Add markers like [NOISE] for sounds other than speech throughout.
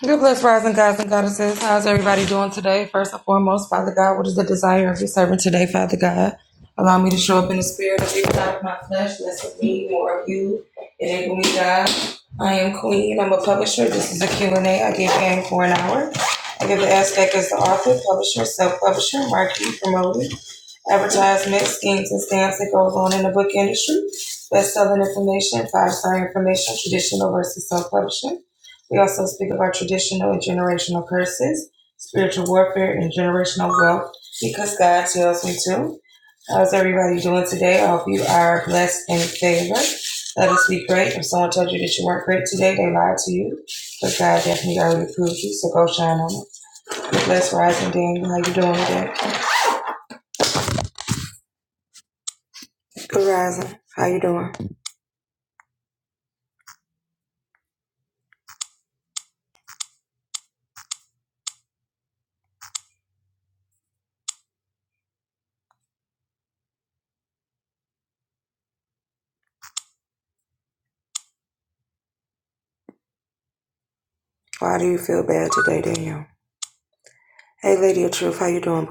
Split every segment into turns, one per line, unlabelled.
Good bless rising gods and goddesses. How's everybody doing today? First and foremost, Father God, what is the desire of your servant today, Father God? Allow me to show up in the spirit of you, not of my flesh. Less of me, more of you. Enable me, God. I am queen. I'm a publisher. This is a Q and A. I give game for an hour. I give the aspect as the author, publisher, self-publisher, marketing, promoting, advertisement, schemes, and stamps that goes on in the book industry. Best-selling information, five-star information, traditional versus self-publishing. We also speak about traditional and generational curses, spiritual warfare, and generational wealth because God tells me to. How's everybody doing today? I hope you are blessed and favored. Let us be great. If someone told you that you weren't great today, they lied to you. But God definitely already proved you, so go shine on it. Bless Rising Daniel. How you doing today? Good Rising. How you doing? Why do you feel bad today, Daniel? Hey, Lady of Truth. How you doing?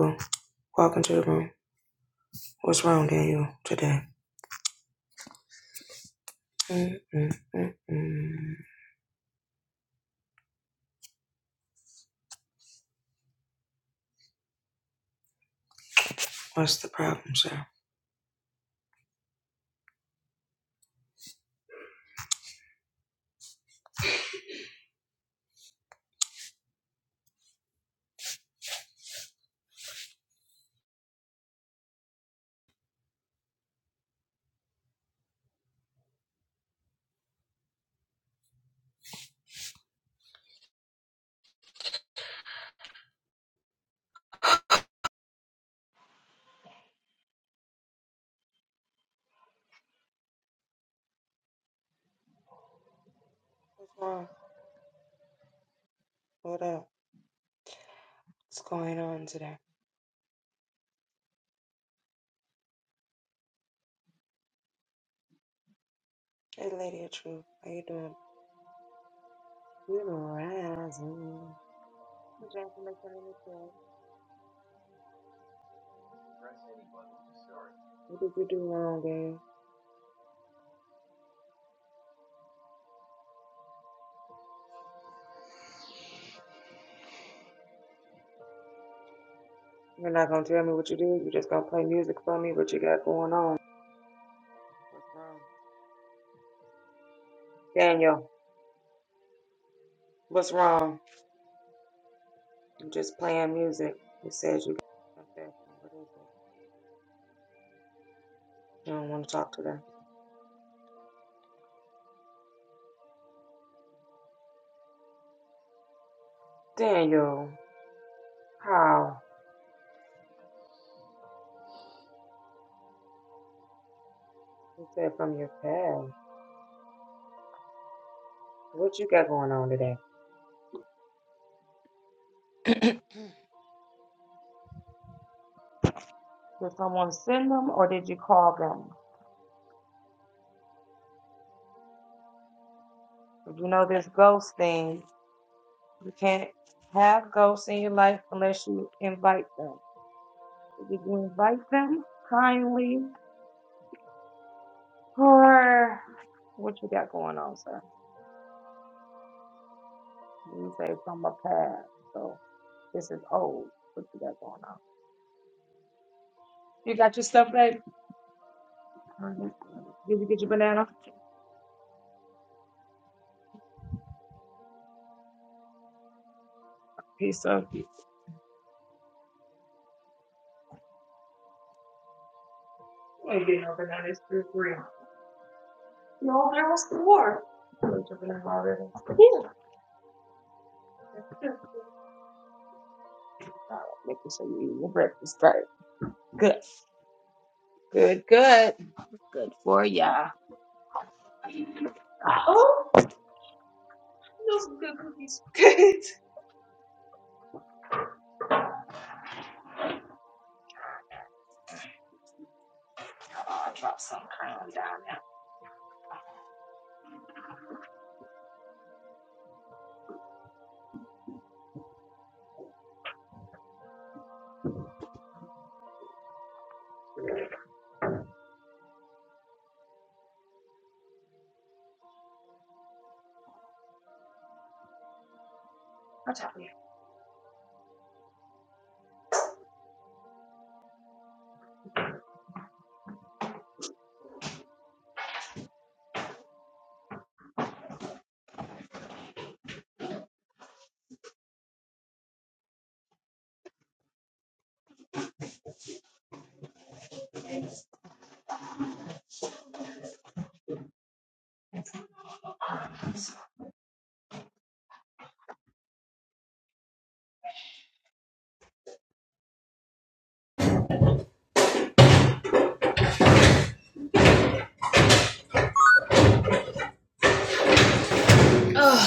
boo? [SIGHS]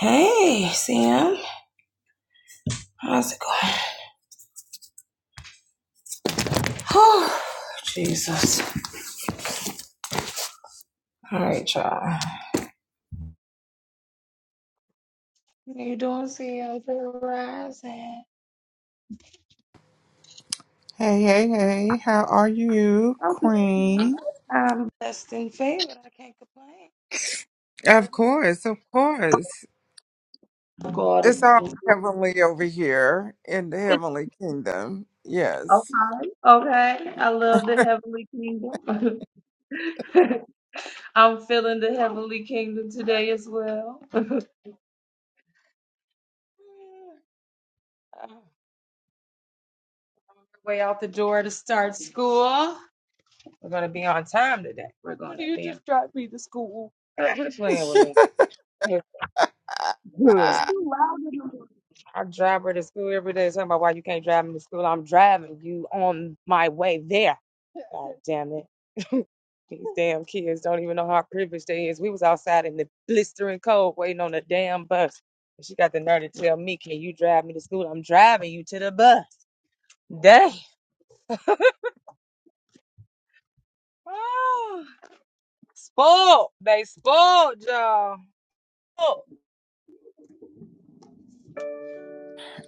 hey, Sam. How's it going? [SIGHS] Oh, Jesus. All right, y'all.
Hey, hey, hey, how are you, Queen? Of course, of course. It's all heavenly over here in the heavenly kingdom. Yes. [LAUGHS] I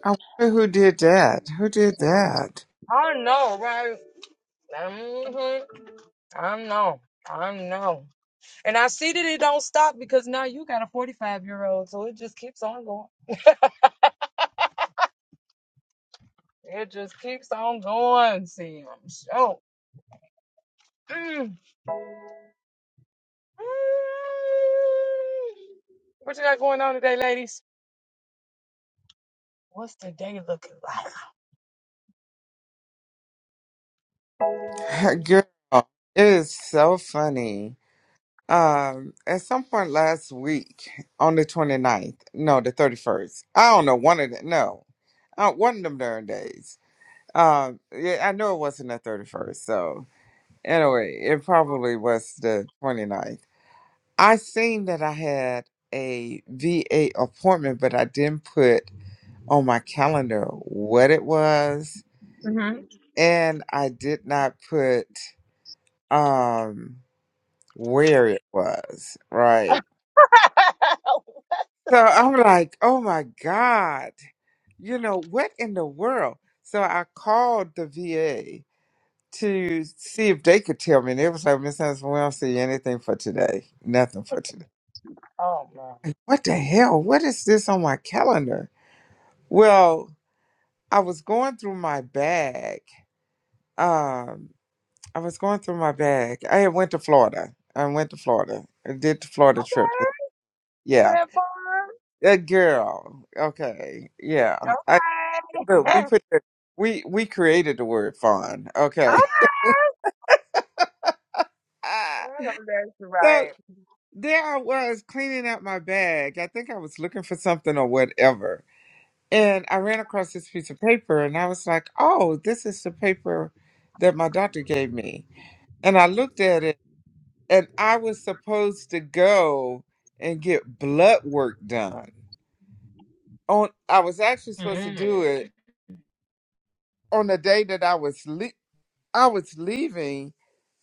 wonder who did that. Who did that? [LAUGHS] Girl, it is so funny. Um, at some point last week, on the 29th, no, the 31st, I don't know, one of them, no, uh, one of them darn days. Um, yeah, I know it wasn't the 31st, so. Anyway, it probably was the 29th. I seen that I had a VA appointment, but I didn't put on my calendar what it was, and I did not put um where it was, right? So I'm like, "Oh my god. You know, what in the world?" So I called the VA to see if they could tell me. And they was like, Miss Anderson, we don't see anything for today. Nothing for today. like, what the hell? What is this on my calendar? Well, I was going through my bag. Um, I was going through my bag. I had went to Florida. I went to Florida. I did the Florida trip. Yeah. That girl. Okay. Yeah. I look, we put the we we created the word fun. Okay. [LAUGHS] We- Ah, so there I was cleaning out my bag. I think I was looking for something or whatever And I ran across this piece of paper and I was like, oh, this is the paper that my doctor gave me. And I looked at it and I was supposed to go and get blood work done. On I was actually supposed to do it on the day that I was le- I was leaving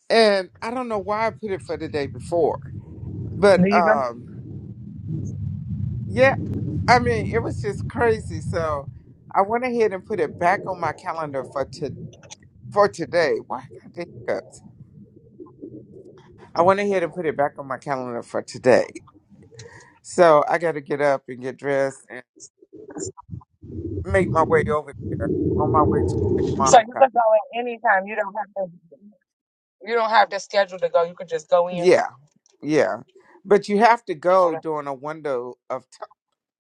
and I don't know why I put it for the day before. But um yeah, I mean, it was just crazy. So I went ahead and put it back on my calendar for today for today. Why I got the hiccups? I went ahead and put it back on my calendar for today. So I got to get up and get dressed and make my way over there on my way to my mom's house. Yeah, yeah. But you have to go during a window of t-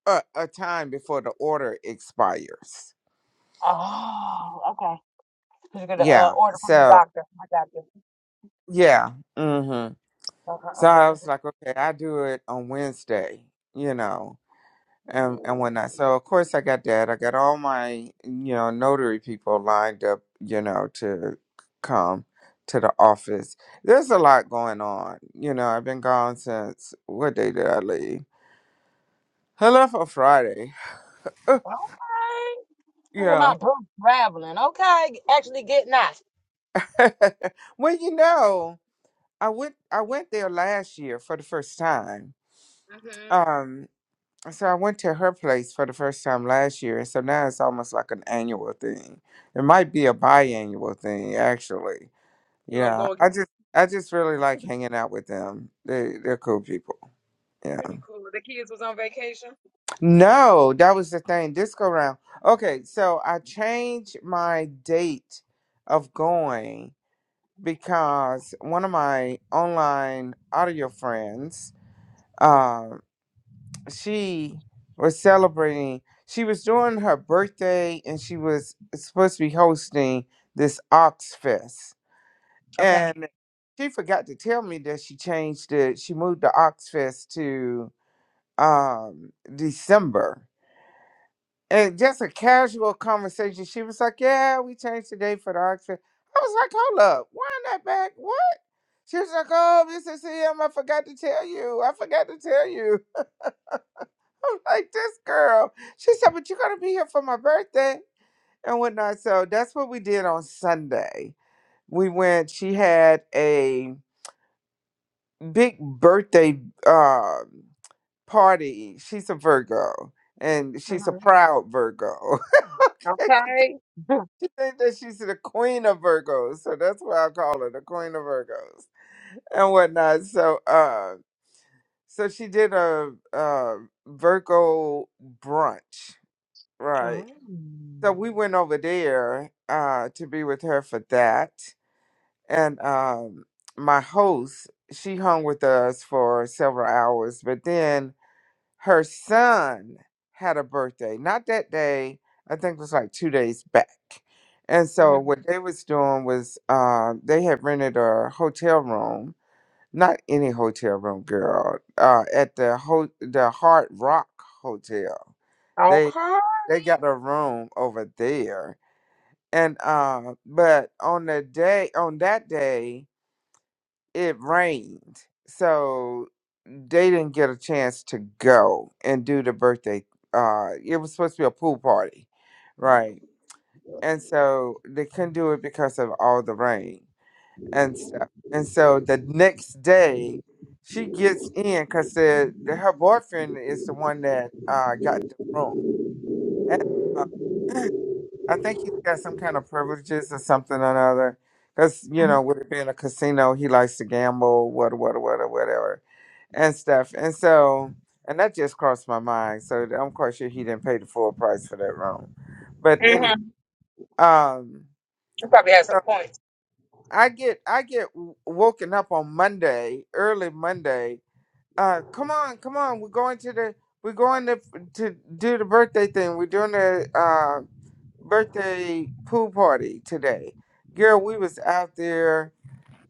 uh, a time before the order expires. Yeah. So yeah. hmm So I was like, okay, I do it on Wednesday. You know. and and whatnot. So of course I got that. I got all my you know notary people lined up, you know, to come to the office. There's a lot going on. You know, I've been gone since what day did I leave? I left on Friday. Uh, Yeah. [LAUGHS] well, you know, I went I went there last year for the first time. Um, so I went to her place for the first time last year, and so now it's almost like an annual thing. It might be a biannual thing actually. Yeah, I just I just really like hanging out with them. They they're cool people. Yeah. No, that was the thing. Disco round. Okay, so I changed my date of going because one of my online audio friends, um, she was celebrating. She was doing her birthday, and she was supposed to be hosting this Ox Fest. And she forgot to tell me that she changed it. She moved the Oxfest to um December. And just a casual conversation, she was like, Yeah, we changed the date for the Oxfest. I was like, Hold up, why not back? What? She was like, Oh, Mrs. M, I forgot to tell you. I forgot to tell you. [LAUGHS] I'm like, This girl. She said, But you're going to be here for my birthday and whatnot. So that's what we did on Sunday. We went, she had a big birthday um party. She's a Virgo and she's a proud Virgo. [LAUGHS] she think that she's the queen of Virgos, so that's why I call her the queen of Virgos and whatnot. So uh so she did a uh Virgo brunch, right? So we went over there uh to be with her for that. And um my host, she hung with us for several hours, but then her son had a birthday not that day i think it was like two days back and so what they was doing was uh, they had rented a hotel room not any hotel room girl uh, at the ho- the hard rock hotel they they got a room over there and uh, but on the day on that day it rained so they didn't get a chance to go and do the birthday. Uh, it was supposed to be a pool party, right? And so they couldn't do it because of all the rain and stuff. And so the next day, she gets in because the, the her boyfriend is the one that uh got the room. And, uh, [CLEARS THROAT] I think he's got some kind of privileges or something or another. Because, you know, with it being a casino, he likes to gamble, what, what, what, whatever and stuff. And so, and that just crossed my mind. So I'm quite sure he didn't pay the full price for that room. But any, um, so I get I get w- woken up on Monday, early Monday. Uh, come on, come on, we're going to the we're going to to do the birthday thing. We're doing the uh birthday pool party today. Girl, we was out there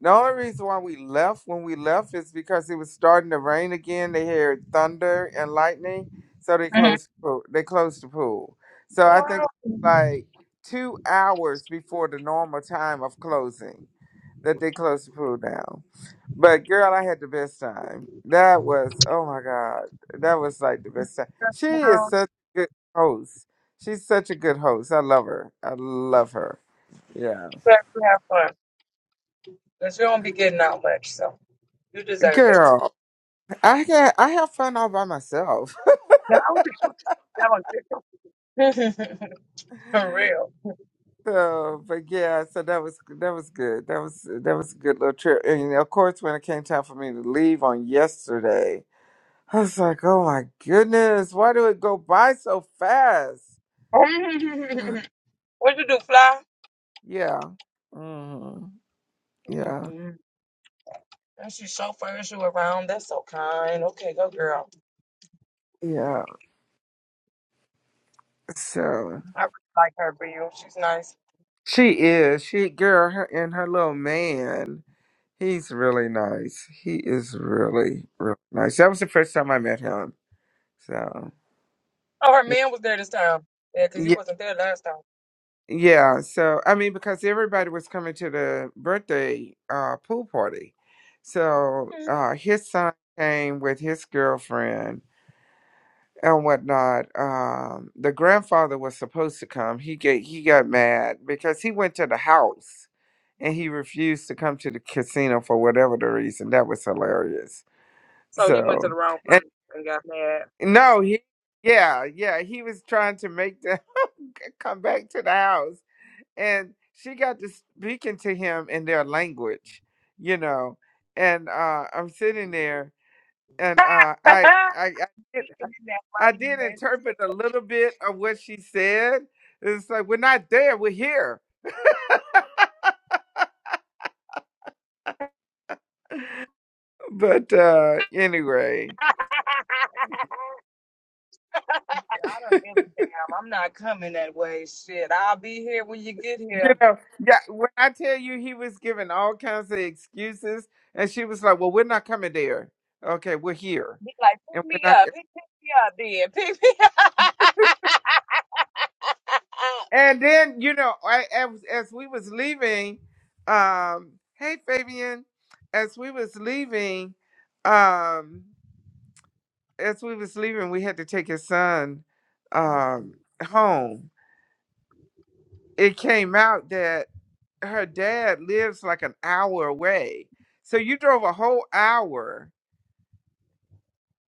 the only reason why we left when we left is because it was starting to rain again. They heard thunder and lightning, so they closed the pool. they closed the pool. So I think like two hours before the normal time of closing that they closed the pool down. But girl, I had the best time. That was oh my god, that was like the best time. She is such a good host. She's such a good host. I love her. I love her. Yeah, girl. I got I have fun all by myself. [LAUGHS] So, but yeah, so that was that was good. That was that was a good little trip. And of course, when it came time for me to leave on yesterday, I was like, "Oh my goodness, why do it go by so fast?" [GASPS] Yeah, hmm yeah, yeah. So she is she girl her, and her little man. He's really nice. He is really really nice. That was the first time I met him. So yeah. Yeah, so I mean, because everybody was coming to the birthday uh, pool party, so uh, his son came with his girlfriend and whatnot. Um, the grandfather was supposed to come. He get he got mad because he went to the house and he refused to come to the casino for whatever the reason. That was hilarious. So and no, he yeah yeah he was trying to make them [LAUGHS] come back to the house and she got to speaking to him in their language, you know. And uh, I'm sitting there, and uh, I, I, I did, I did interpret a little bit of what she said. It's like we're not there, we're here. But uh, anyway, [LAUGHS] you know, yeah. When I tell you, he was giving all kinds of excuses, and she was like, "Well, we're not coming there. Okay, we're here, and we're not." And then, you know, I, as, as we was leaving, um, hey Fabian, as we was leaving, um, as we was leaving, we had to take his son um, home. It came out that her dad lives like an hour away. So you drove a whole hour,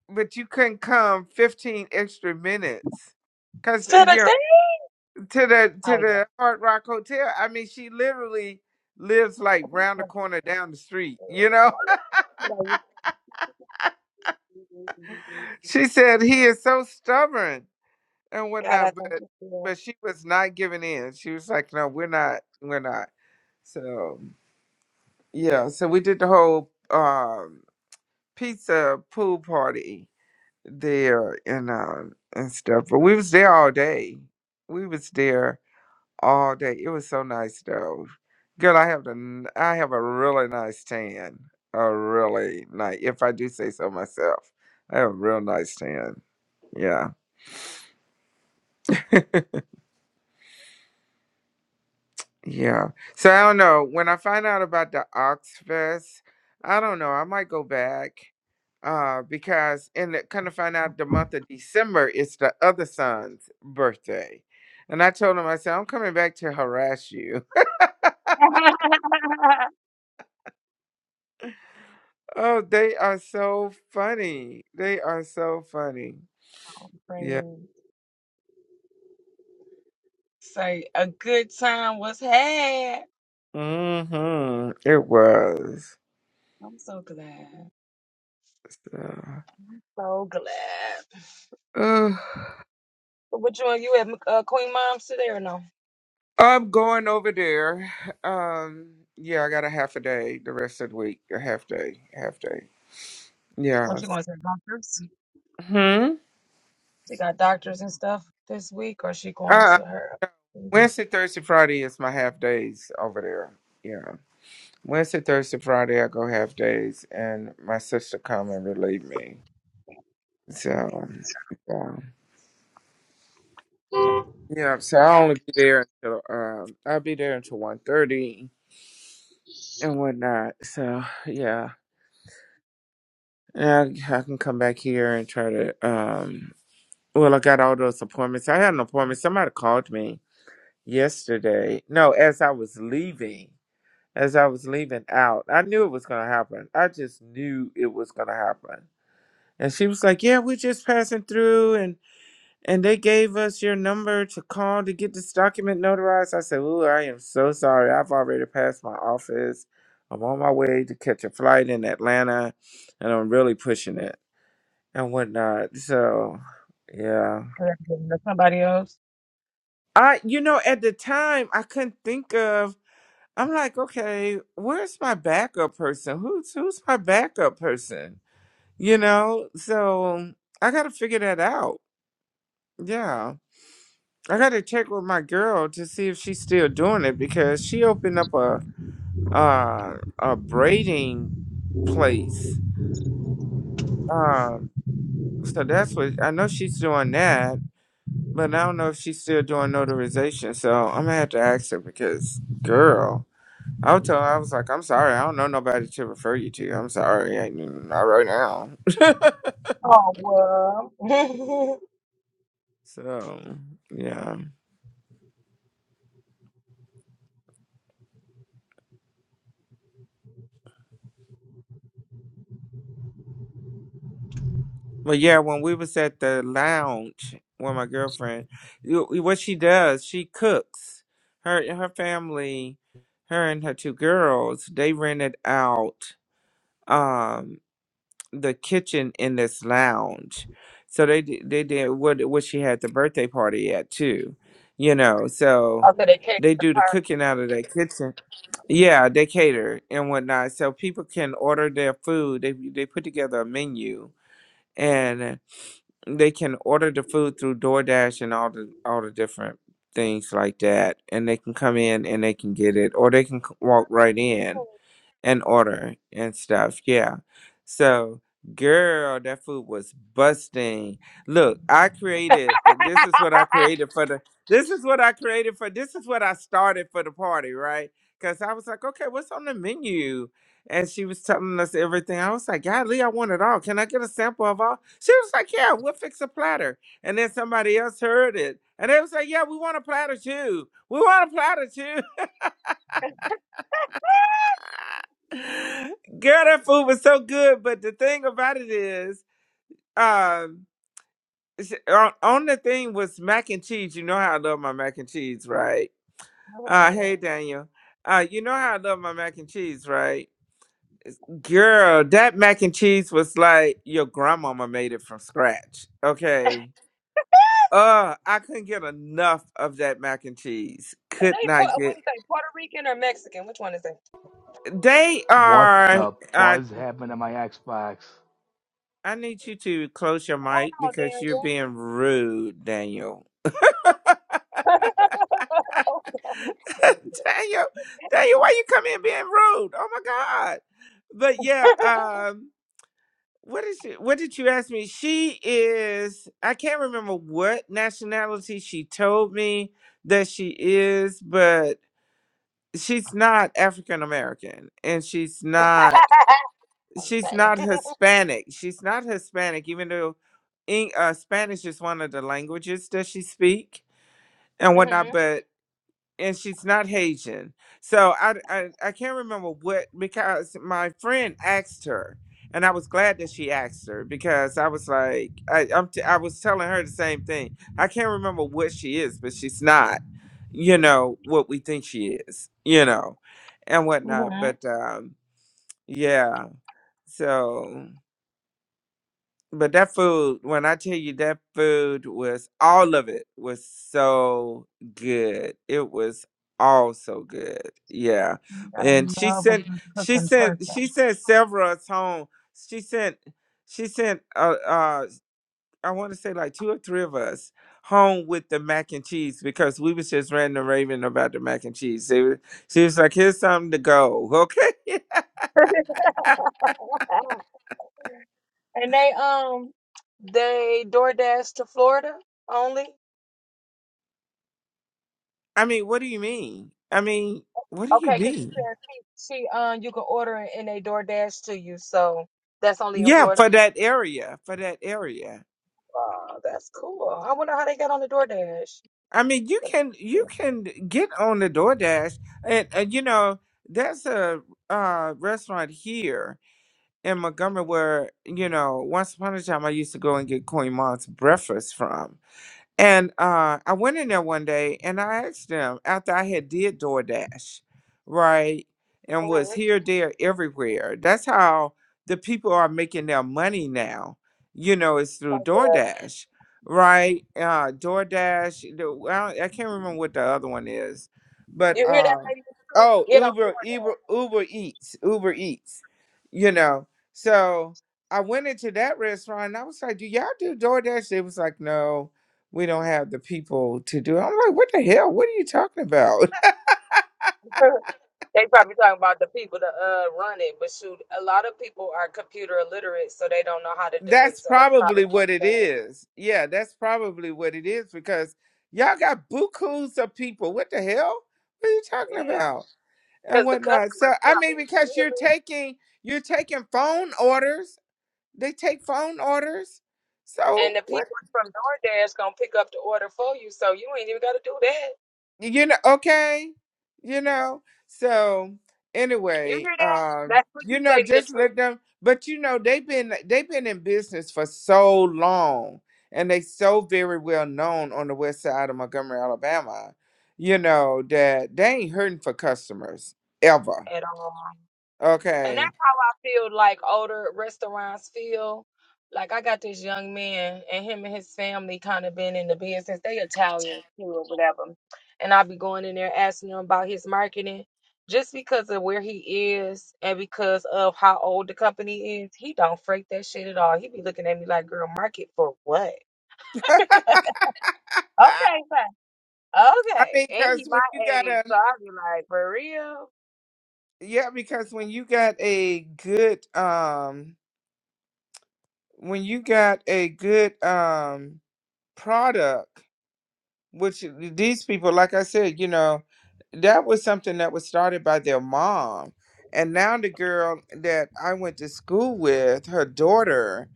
but you couldn't come 15 extra minutes. Cause you know to the to the Hard Rock Hotel. I mean, she literally lives like round the corner down the street. You know, [LAUGHS] she said he is so stubborn and whatnot, but but she was not giving in. She was like, "No, we're not, we're not." So yeah, so we did the whole um, pizza pool party there and um, and stuff, but we was there all day. We was there all day. It was so nice though. Girl, I have a n- I have a really nice tan. A really nice if I do say so myself. I have a real nice tan. Yeah. Yeah. So I don't know. When I find out about the Oxfest, I don't know. I might go back. Uh, because and it kind of find out the month of December is the other son's birthday. And I told him, I said, I'm coming back to harass you. Oh, they are so funny. They are so funny. Yeah. Mm-hmm. It was. Uh, ugh. I'm going over there. Um, yeah, I got a half a day the rest of the week. A half day. Half day. Yeah. Hmm. Uh Wednesday, Thursday, Friday is my half days over there. Yeah. Wednesday, Thursday, Friday I go half days and my sister come and relieve me. So yeah. Yeah, so i only be there until um I'll be there until one thirty and whatnot. So yeah. And I, I can come back here and try to um well I got all those appointments. I had an appointment. Somebody called me yesterday. No, as I was leaving. As I was leaving out. I knew it was gonna happen. I just knew it was gonna happen. And she was like, Yeah, we're just passing through and they gave us your number to call to get this document notarized. I said, Ooh, I am so sorry. I've already passed my office. I'm on my way to catch a flight in Atlanta, and I'm really pushing it and whatnot. So, yeah. I, you know, at the time, I couldn't think of. I'm like, okay, where's my backup person? Who's who's my backup person? You know, so I got to figure that out. Yeah. I gotta check with my girl to see if she's still doing it because she opened up a uh a braiding place. Um, so that's what I know she's doing that, but I don't know if she's still doing notarization. So I'm gonna have to ask her because, girl, I will tell her I was like, I'm sorry, I don't know nobody to refer you to. I'm sorry, I, mean, not right now. [LAUGHS] So yeah. Well, yeah, when we was at the lounge with my girlfriend, you- what she does, she cooks. Her her family, her and her two girls, they rented out um the kitchen in this lounge. So they di- they did what what she had the birthday party at too, you know. So they do the cooking out of their kitchen. Yeah, they cater and whatnot, so people can order their food. They they put together a menu they can order the food through DoorDash and all the all the different things like that, and they can come in and they can get it, or they can c- walk right in and order and stuff. Yeah. So, girl, that food was busting. Look, I created uh, this is what I created for the this is what I created for this is what I started for the party, right? Cuz I was like, "Okay, what's on the menu?" And she was telling us everything. I was like, "Golly, I want it all. Can I get a sample of all?" She was like, "Yeah, we'll fix a platter." And then somebody else heard it, and they was like, "Yeah, we want a platter too. We want a platter too." Girl, that food was so good. But the thing about it is, um, sh- on, on the thing was mac and cheese. You know how I love my mac and cheese, right? Uh, hey Daniel. Uh, you know how I love my mac and cheese, right? Girl, that mac and cheese was like your grandmama made it from scratch. Okay. Uh, I couldn't get enough of that mac and cheese. Could not get. They are. uh, I need you to close your mic because you're being rude, Daniel. [LAUGHS] Daniel, Daniel, why you come in being rude? Oh my God! But yeah, um, what is it? What did you ask me? She is. I can't remember what nationality she told me that she is, but she's not African American, and she's not. she's not Hispanic. She's not Hispanic, even though Eng- uh, Spanish is one of the languages that she speak and whatnot. But and she's not Haitian, so I I, I can't remember what because my friend asked her, and I was glad that she asked her because I was like I I'm t- I was telling her the same thing. I can't remember what she is, but she's not, you know, what we think she is, you know, and whatnot. But um, yeah, so. But that food, when I tell you that food was all of it was so good. It was all so good. Yeah. And she sent she sent she sent several us home. She sent she sent uh uh I want to say like two or three of us home with the mac and cheese because we was just random raving about the mac and cheese. They was, she was like, here's something to go. [LAUGHS] Okay. I mean, what do you mean? I mean, what do you mean? Yeah, for that area, for that area. I mean, you can you can get on the DoorDash, and, and you know there's a uh, restaurant here in Montgomery where you know once upon a time I used to go and get Queen Mom's breakfast from, And uh, I went in there one day and I asked them after I had did DoorDash, right? And was here, there, everywhere. That's how the people are making their money now. You know, it's through DoorDash, right? Uh, DoorDash. The, well, I can't remember what the other one is, but uh, oh, Uber, Uber, Uber Eats, Uber Eats. You know, so I went into that restaurant and I was like, "Do y'all do DoorDash?" They was like, "No." we don't have the people to do it. I'm like, what the hell? What are you talking about? [LAUGHS] That's probably what it is. Yeah, that's probably what it is because y'all got bukus of people. What the hell? What are you talking about? And whatnot. So I mean, because you're taking you're taking phone orders. They take phone orders. So what you know okay you know so anyway uh you know just let them but you know they've been they've been in business for so long and they so very well known on the west side of montgomery alabama you know that they ain't hurting for customers ever okay [LAUGHS] i mean because when you got a yeah because when you got a good um when you got a good um product which these people, like I said, you know, that was something that was started by their mom. And now the girl that I went to school with, her daughter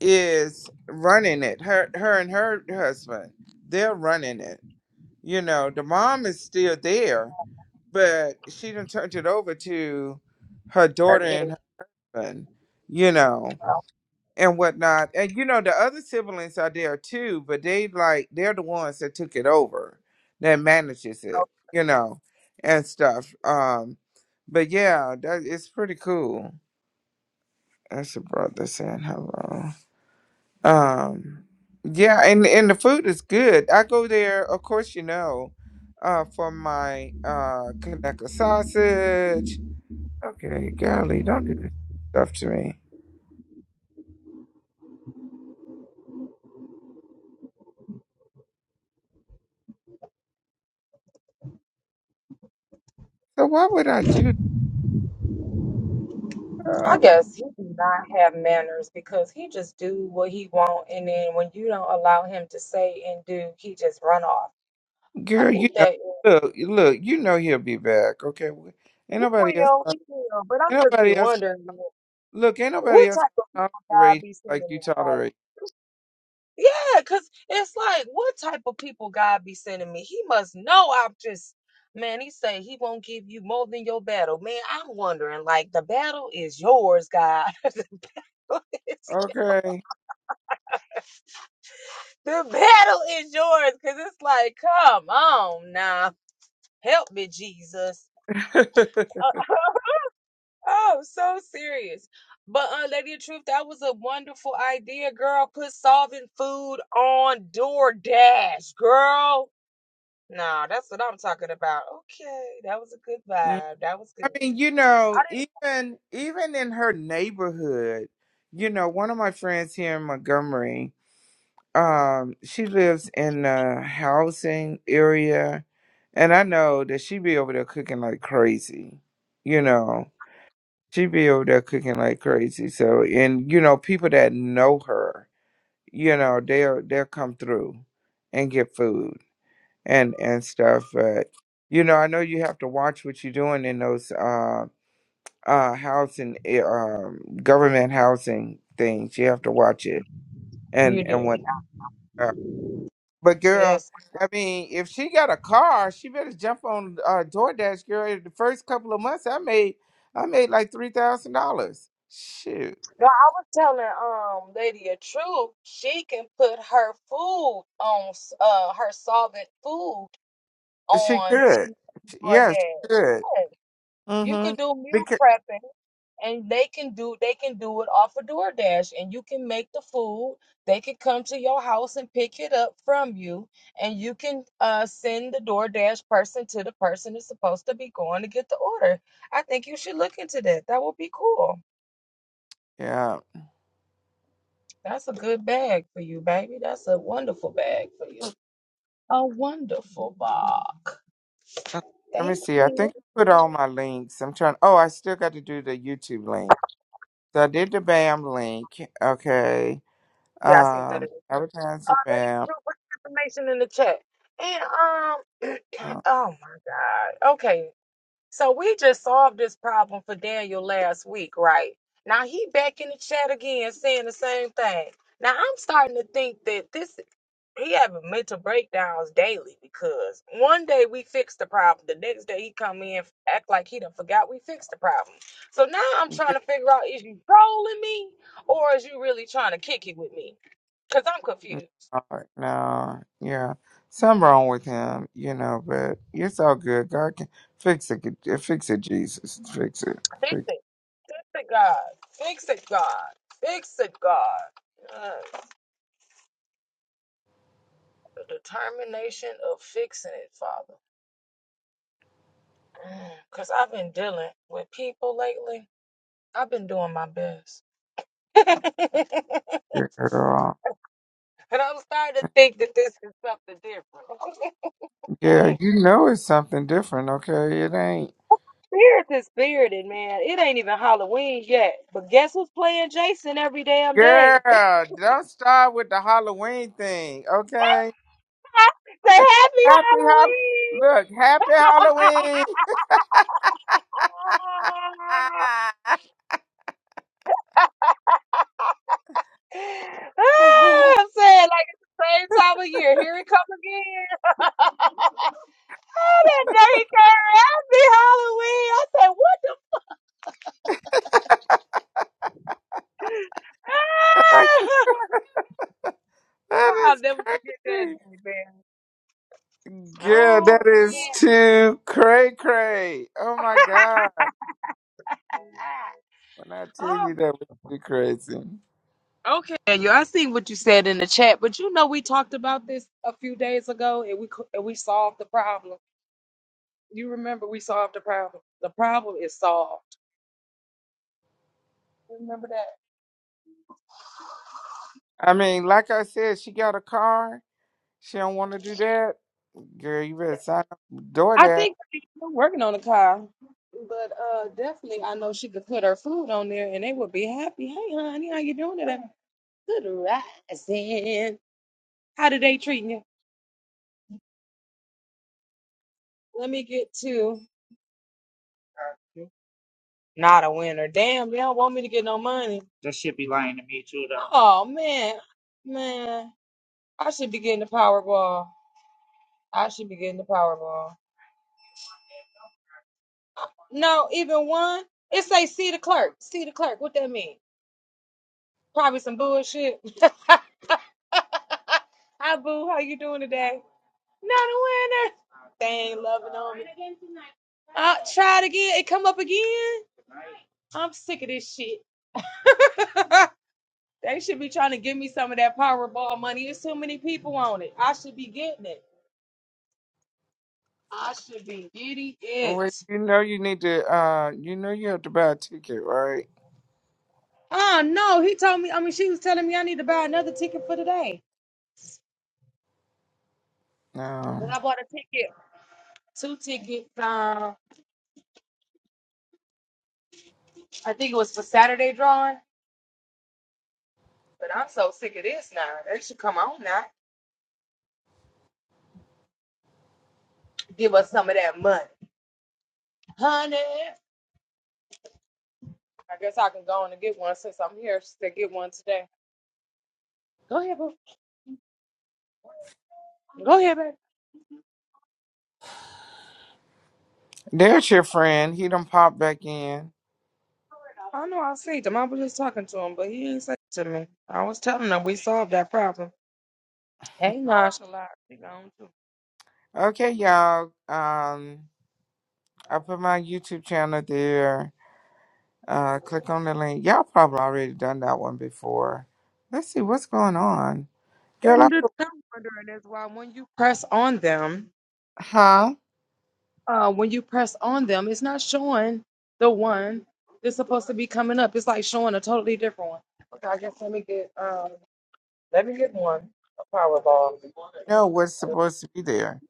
is running it. Her her and her husband, they're running it. You know, the mom is still there, but she done turned it over to her daughter and husband, you know and whatnot. And you know, the other siblings are there too, but they like they're the ones that took it over, that manages it, you know, and stuff. Um, but yeah, that it's pretty cool. That's a brother saying hello. Um, yeah, and and the food is good. I go there, of course, you know, uh, for my uh Kanaka sausage. Okay, golly, don't do this stuff to me. So why would I do that? Girl, you know, look, look, you know he'll be back. Okay, We- ain't nobody else, ain't nobody else. Look, ain't nobody else gonna tolerate him like you tolerate. Okay. [LAUGHS] Mm. I mean, you know, even even in her neighborhood, you know, one of my friends here in Montgomery, um, she lives in the housing area, and I know that she be over there cooking like crazy, you know. she be over there cooking like crazy. So, and you know, people that know her, you know, they'll they'll come through and get food and and stuff. But you know, I know you have to watch what you're doing in those uh uh housing eh, um government housing things. You have to watch it and and what. Uh, but girl. I mean, if she got a car, she better jump on uh, DoorDash, girl. The first couple of months, I made, I made like three thousand dollars. Shoot. She could. Yeah, she could. Mm-hmm. Because yeah. Okay, Let me see. I think I put all my links. I'm trying. Oh, I still got to do the YouTube link. So I did the BAM link. Okay. Um, advertise the BAM. Oh, no, no, yeah. Something wrong with him, you know. But it's all good. God can fix it. Fix it, Jesus. Fix it. Fix it. Girl. Yeah, you know it's something different. Okay, it ain't. Girl, don't start with the Halloween thing, okay? Happy Hall Look, happy Halloween. [LAUGHS] that is crazy. Girl, that is too cray cray. Oh my God. When I tell you that was too crazy. I mean, like I said, she got a car. She don't want to do that. Girl, you better sign up for DoorDash. Well, you know you need to uh you know you have to buy a ticket, right? No. There's your friend. He done popped back in. Okay, y'all. Um, I put my YouTube channel there. Uh, click on the link. Y'all probably already done that one before. Let's see what's going on. Girl, I put, huh? No, what's supposed to be there?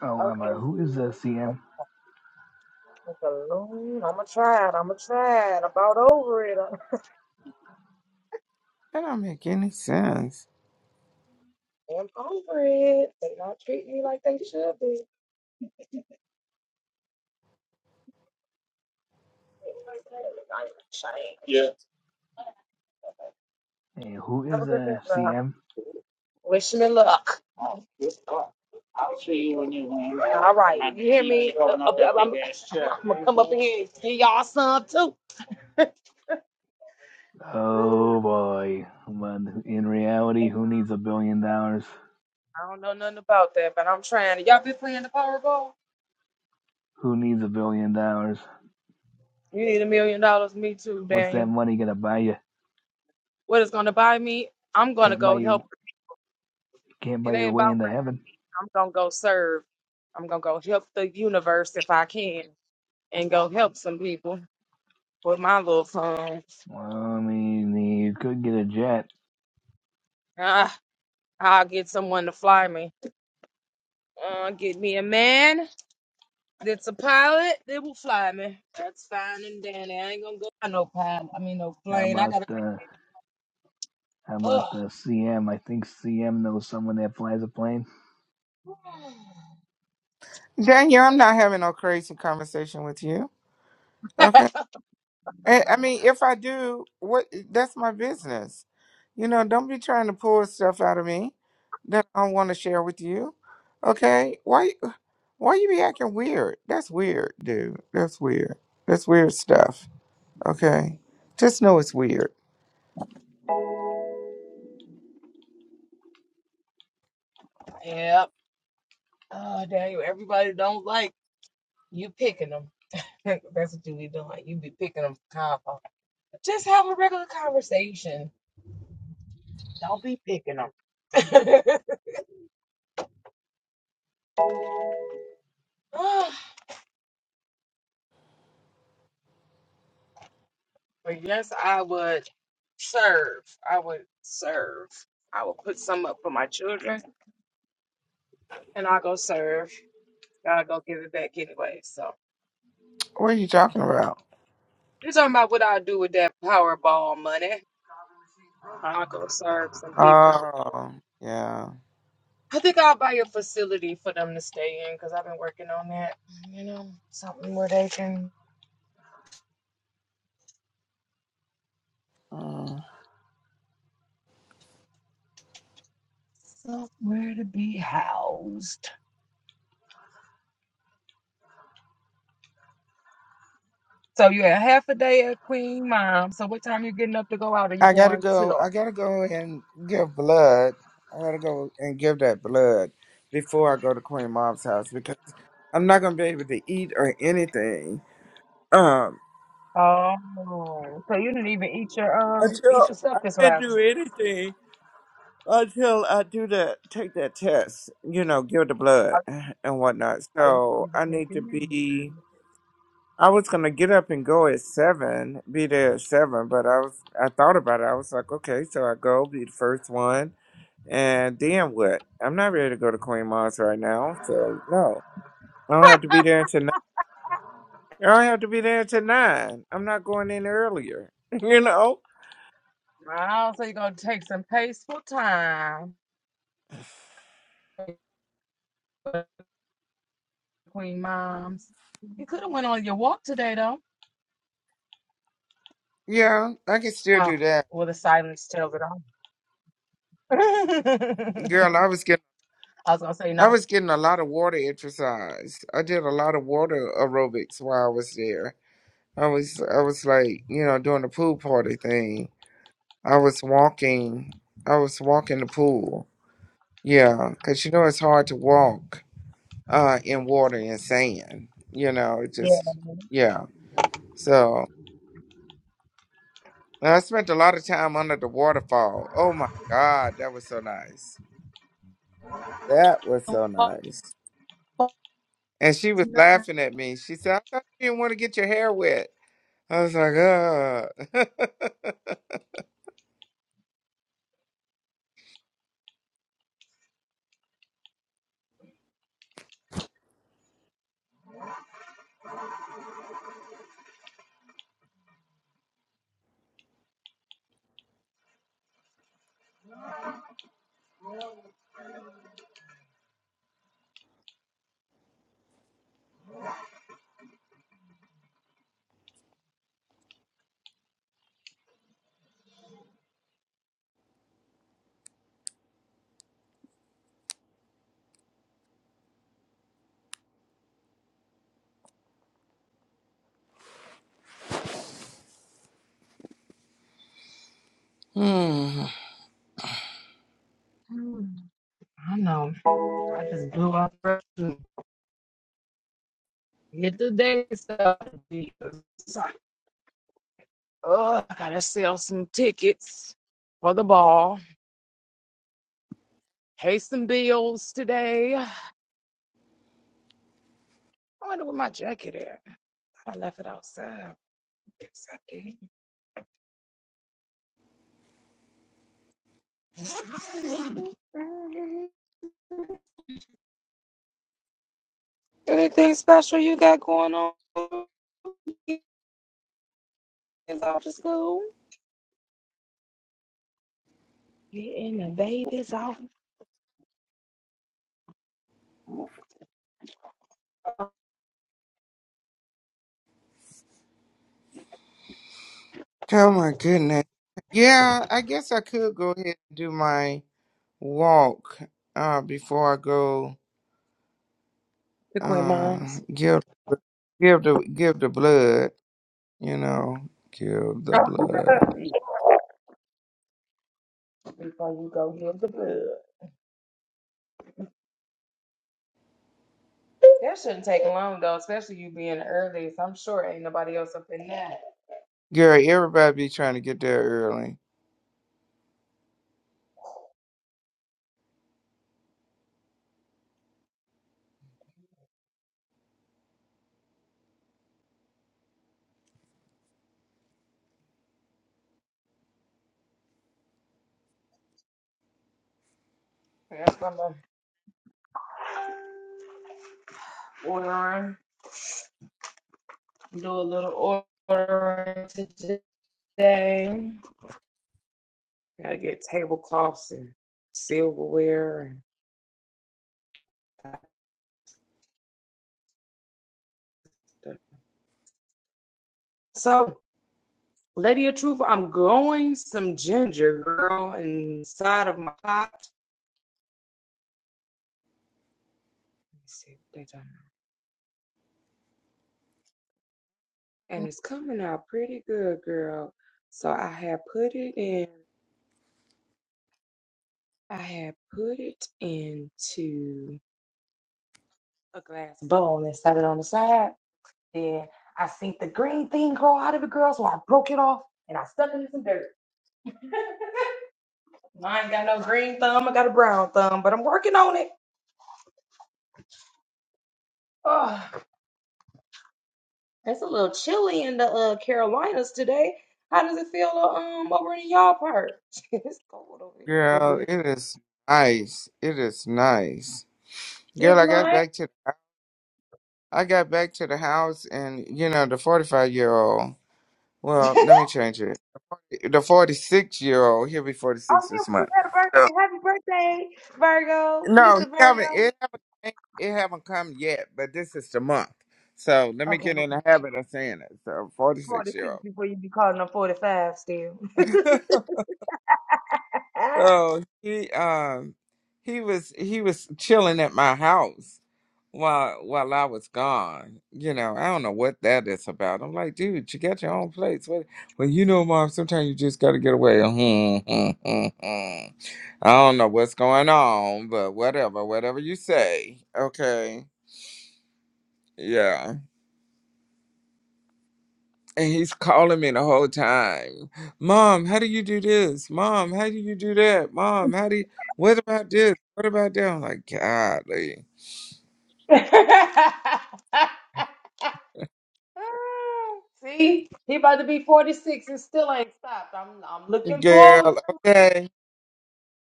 Oh, um, uh, who is a CM?
That don't make any sense.
Hey, who is a CM? Oh boy. But in reality, who needs a billion dollars? Who needs a billion dollars? What's that money gonna buy you? Can't buy your can't buy your way into heaven. Well, I mean, you could get a jet. How about the how about the CM? I think CM knows someone that flies a plane.
Daniel, I'm not having no crazy conversation with you. Okay. I I mean, if I do, what eh, that's my business. You know, don't be trying to pull stuff out of me that I don't want to share with you. Okay? Why why you be acting weird? That's weird, dude. That's weird. That's weird stuff. Okay? Just know it's weird. What are you talking about? Oh, yeah. Mm. I gotta go. I gotta go and give blood. I gotta go and give that blood before I go to Queen Mom's house because. I'm not gonna be able to eat or anything. Um, until I can't do anything until I do that, take that test. You know, give the blood and whatnot. So I need to be. I was gonna get up and go at seven, be there at seven, but I was. I thought about it. I was like, okay, so I go be the first one, and then what? I'm not ready to go to Queen Mars right now, so no. I don't have to be there until I don't have to be there till nine. I'm not going in earlier. [LAUGHS] You know? Yeah, I can still do that. Girl, I was getting I was getting a lot of water exercise. I did a lot of water aerobics while I was there. I was I was like, you know, doing the pool party thing. I was walking I was walking the pool. Yeah, cuz you know it's hard to walk uh in water and sand. You know, it just yeah. So. I spent a lot of time under the waterfall. Oh my God, that was so nice. That was so nice. And she was laughing at me. She said, I thought you didn't want to get your hair wet. I was like, oh. [LAUGHS] hmm. Oh my goodness. Yeah, I guess I could go ahead and do my walk uh, before I go uh, give, give, the, give the blood, you know, give the blood. Girl, everybody be trying to get there early. Girl, it is nice. It is nice. Girl, I got back to I got back to the house and you know, the 45 year old. Well, let me change it. The 46 year old, he'll be 46 this month. So, no, he haven't it haven't came- it haven't come yet, but this is the month. So, let me get in the habit of saying it. So, 46 year old. [LAUGHS] So he um he was he was chilling at my house while while I was gone. You know, I don't know what that is about. I'm like, dude, you got your own place. What? Well, you know, mom. Sometimes you just got to get away. [LAUGHS] I don't know what's going on, but whatever, whatever you say. Okay. Yeah. And he's calling me the whole time. Mom, how do you do this? Mom, how do you do that? Mom, how do you what about this? What about that? I'm like, golly. Girl, okay.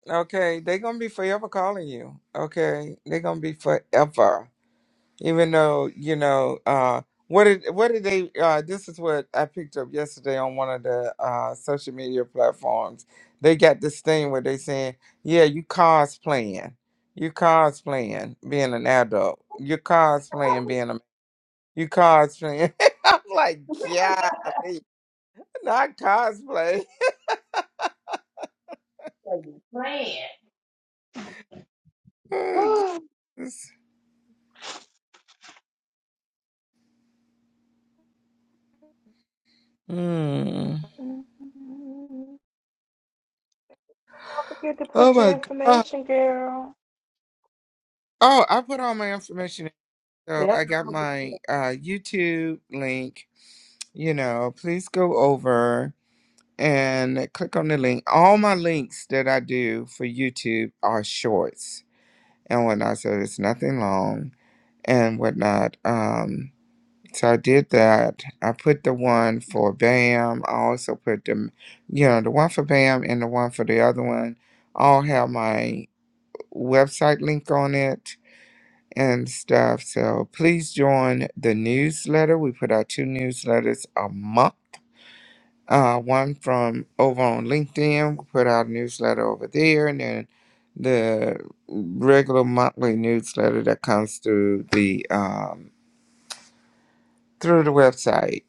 Okay. They're gonna be forever calling you. Okay. They're gonna be forever. even though you know uh what did what did they uh this is what i picked up yesterday on one of the uh social media platforms they got this thing where they saying yeah you cosplaying you cosplaying being an adult you cosplaying being a you cosplaying [LAUGHS] i'm like golly not cosplay [LAUGHS] oh, Jesus. Hmm. oh my god oh i put all my information in so i got my uh youtube link you know, please go over and click on the link. All my links that I do for YouTube are shorts and whatnot, so it's nothing long and whatnot. Um, so I did that. I put the one for BAM. I also put the, you know, the one for BAM and the one for the other one. All have my website link on it and stuff. So please join the newsletter. We put out two newsletters a month uh, one from over on LinkedIn. We put out a newsletter over there, and then the regular monthly newsletter that comes through the um, through the website.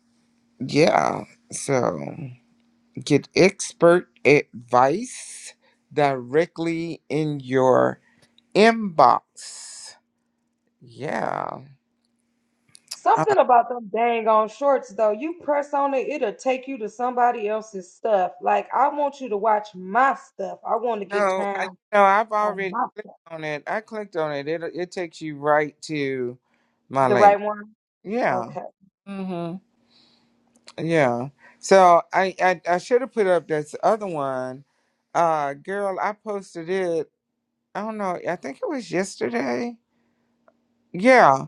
Yeah, so get expert advice directly in your inbox. Yeah. Uh, no, I no, I've already clicked on it. I clicked on it. It it takes you right to my link. Yeah. Yeah. So I I, I should have put up this other one. Uh girl, I posted it. I don't know. I think it was yesterday. Yeah.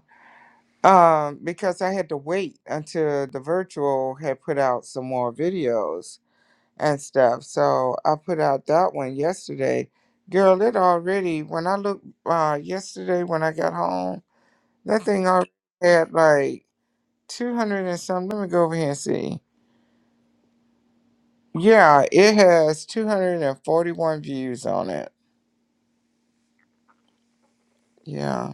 Um because I had to wait until the virtual had put out some more videos and stuff. So I put out that one yesterday. Girl, it already when I looked uh yesterday when I got home, that thing already had like 200 and some. Let me go over here and see. Yeah, it has 241 views on it. Yeah.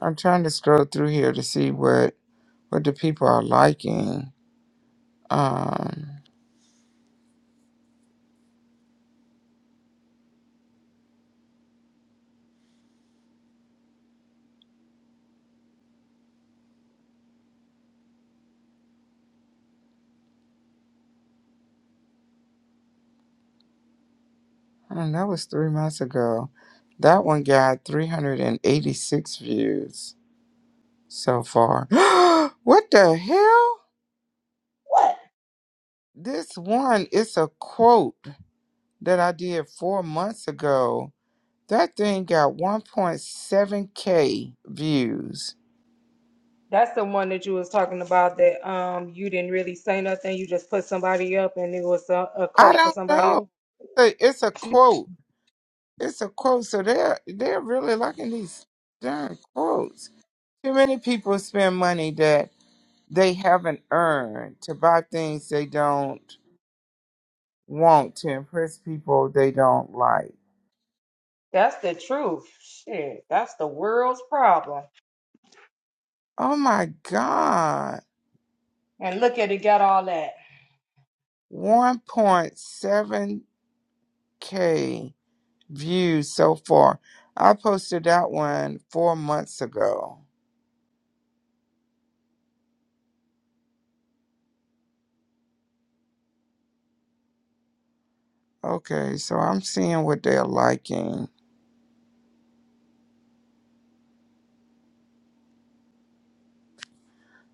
I'm trying to scroll through here to see what what the people are liking. Um and that was 3 months ago. That one got 386 views so far. [GASPS] what the hell? This one is a quote that I did 4 months ago. That thing got 1.7k views. I don't know. It's a, it's a quote. It's a quote. So they're they're really liking these darn quotes. Too many people spend money that they haven't earned to buy things they don't want to impress people they don't like. Oh my God. 1.7K views so far. I posted that one four months ago. Okay, so I'm seeing what they're liking.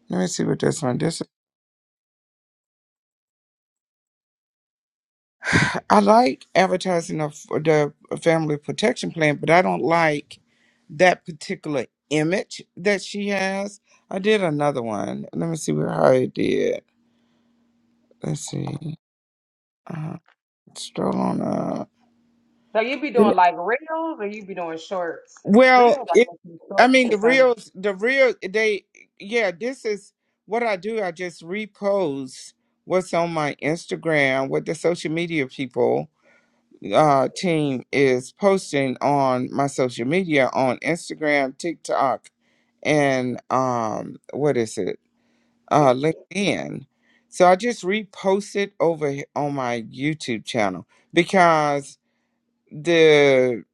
Let me see what that's on. This [SIGHS] I like advertising of the family protection plan, but I don't like that particular image that she has. I did another one. Let me see where how it did. Let's see. Uh, stroll on up. Well, it, I mean the reels, the real they. Yeah, this is what I do. I just repost what's on my Instagram with the social media people uh, team is posting on my social media on Instagram, TikTok, and um, what is it? Uh, LinkedIn. So I just repost it over he- on my YouTube channel because the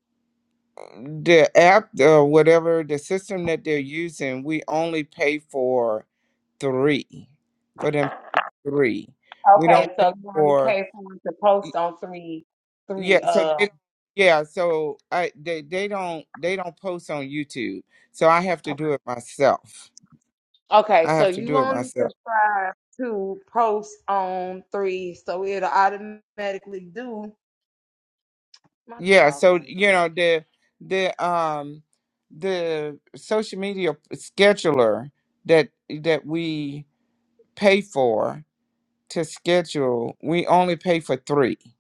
the app or whatever the system that they're using, we only pay for three for them three. We don't pay for. Yeah, so they yeah, so I they they don't they don't post on YouTube. So I have to do it myself. I have to do it myself. Yeah, so you know the the um the social media scheduler that that we pay for to schedule, we only pay for 3.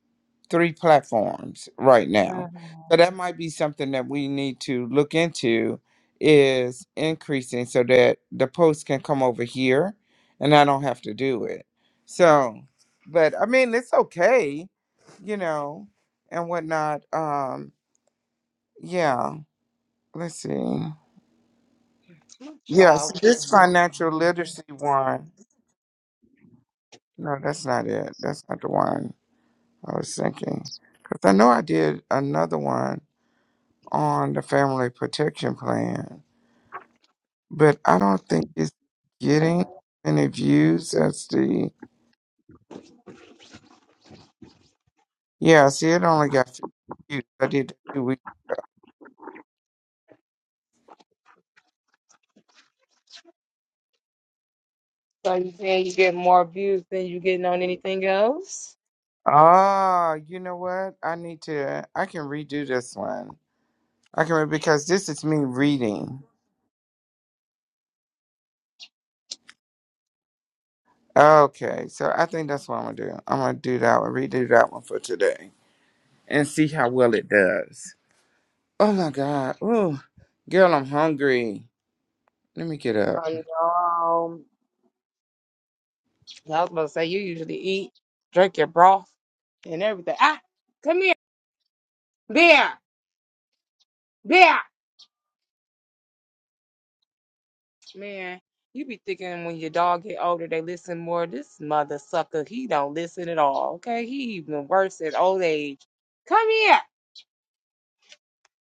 three platforms right now. So that might be something that we need to look into is increasing so that the post can come over here and I don't have to do it. So but I mean it's okay, you know, and whatnot. Um yeah, let's see. Yeah. So this financial literacy one. No, that's not it. That's not the one I was thinking. Because I know I did another one on the Family Protection Plan, but I don't think it's getting any views. That's the yeah. See, it only got 50 views. I did that two weeks. Ah, you know what? I need to. I can redo this one. I can re- because this is me reading. Okay, so I think that's what I'm gonna do. I'm gonna do that one. Redo that one for today and see how well it does. Oh my God! Oh, girl, I'm hungry. Let me get up.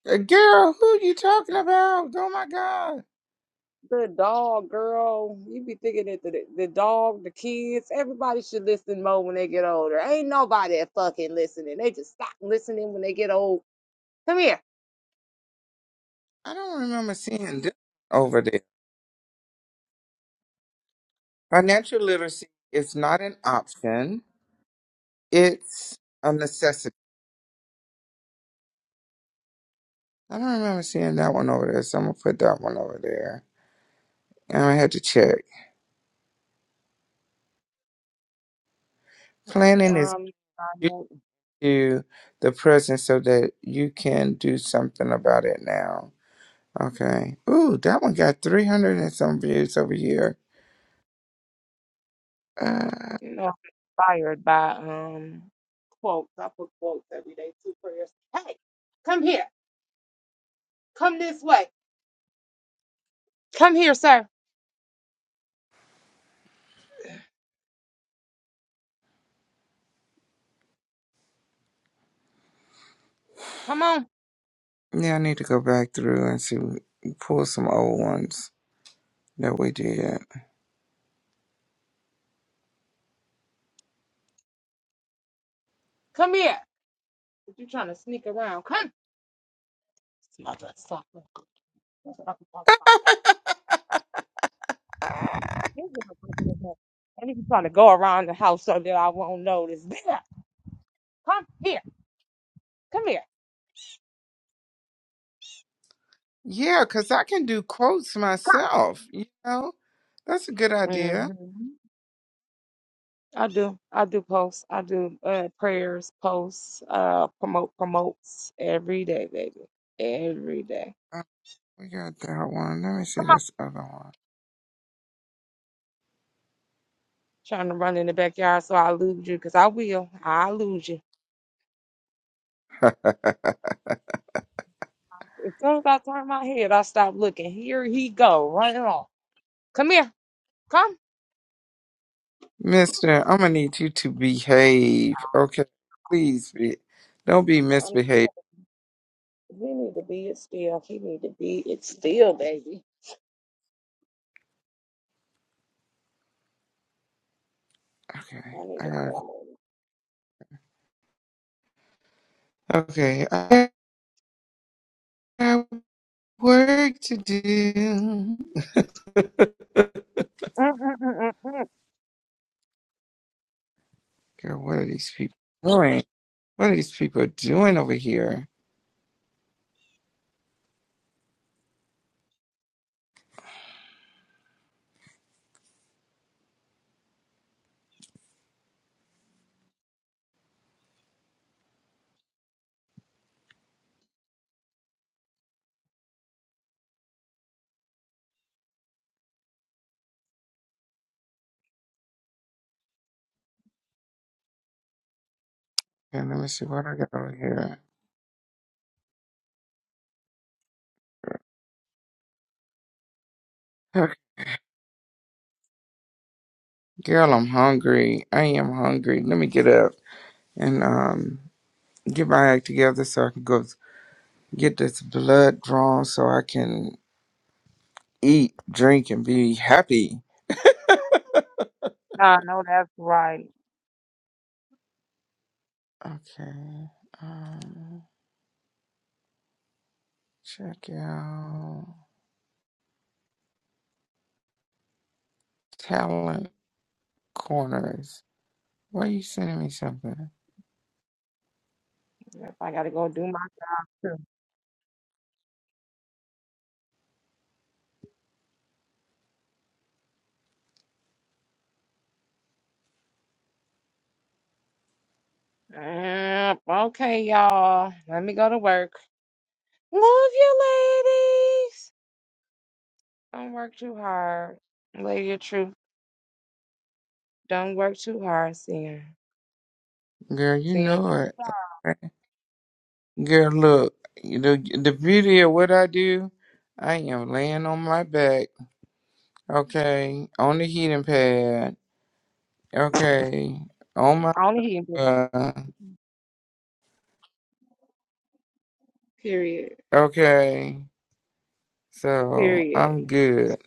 Uh, Girl, who you talking about? Oh my God. I don't remember seeing this over there. Financial literacy is not an option, it's a necessity. I don't remember seeing that one over there, so I'm going to put that one over there. And I had to check. Planning is due to the present so that you can do something about it now. Okay. Ooh, that one got 300 and some views over here. Uh, yeah, I need to go back through and see, pull some old ones. No, we did. Uh, yeah, because I can do quotes myself, you know? That's a good idea. Uh, we got that one. Let me see this other one. Mister, I'm going to need you to behave. Okay. Please be. Don't be misbehaved. Okay. I got Okay. I got work to do. Girl, what are these people doing? What are these people doing over here? Okay, let me see what I got over here. Girl, I'm hungry. I am hungry. Let me get up and um get my act together so I can go get this blood drawn so I can eat, drink, and be happy. Okay. Um, check out talent corners. Why you sending me something? Girl, you know it. Okay. Girl, look, the, the beauty of what I do, I am laying on my back, okay, on the heating pad. Okay. Oh my God. Okay. So I'm good.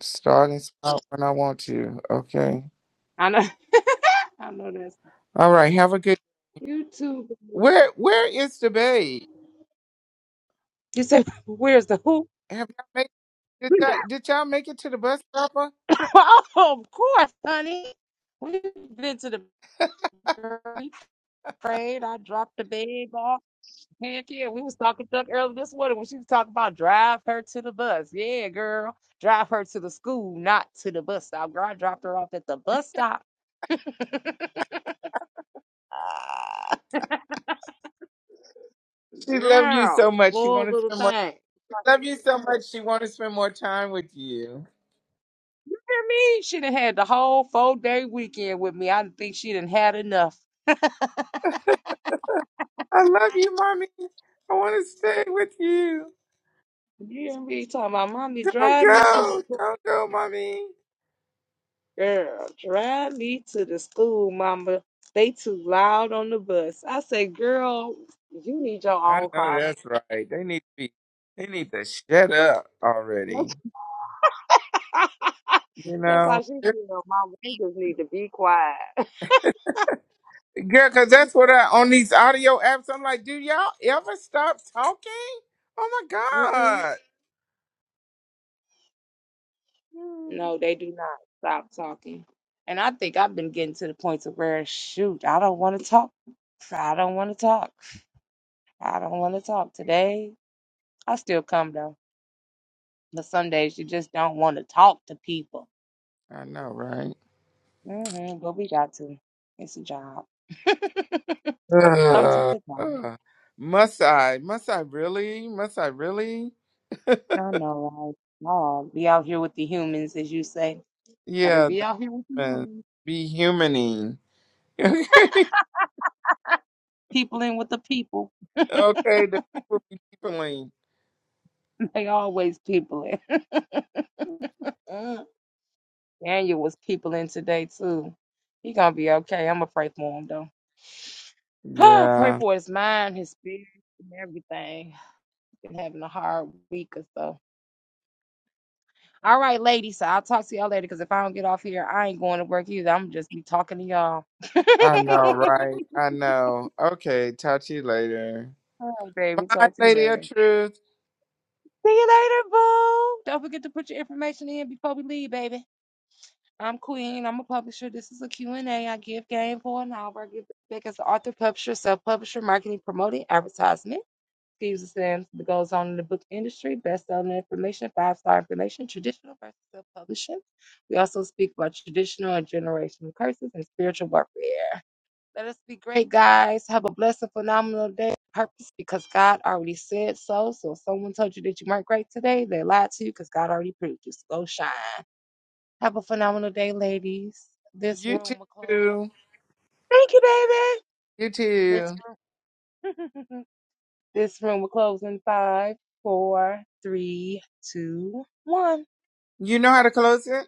Start and stop when I want to. Okay. All right. Have a good. Where Where is the babe? Have y'all made, did y'all, did y'all make it to the bus stopper? Ah, She love you so much. She want to spend more. She love you so much. She want to spend more time with you. I love you, mommy. I want to stay with you. Don't go. Don't go, mommy. I know that's right. They need to be. They need to shut up already. You know, girl, because that's what I on these audio apps. I'm like, do y'all ever stop talking? Oh my god. Hmm. I know, right? [SIGHS] Ugh. Ugh. must I? Must I really? Must I really? Yeah, man. Be humaning. [LAUGHS] okay, the people be peopling. Yeah. I know, right? I know. Okay, talk to you later. Bye, Lady of Truth. You too. You too. You know how to close it?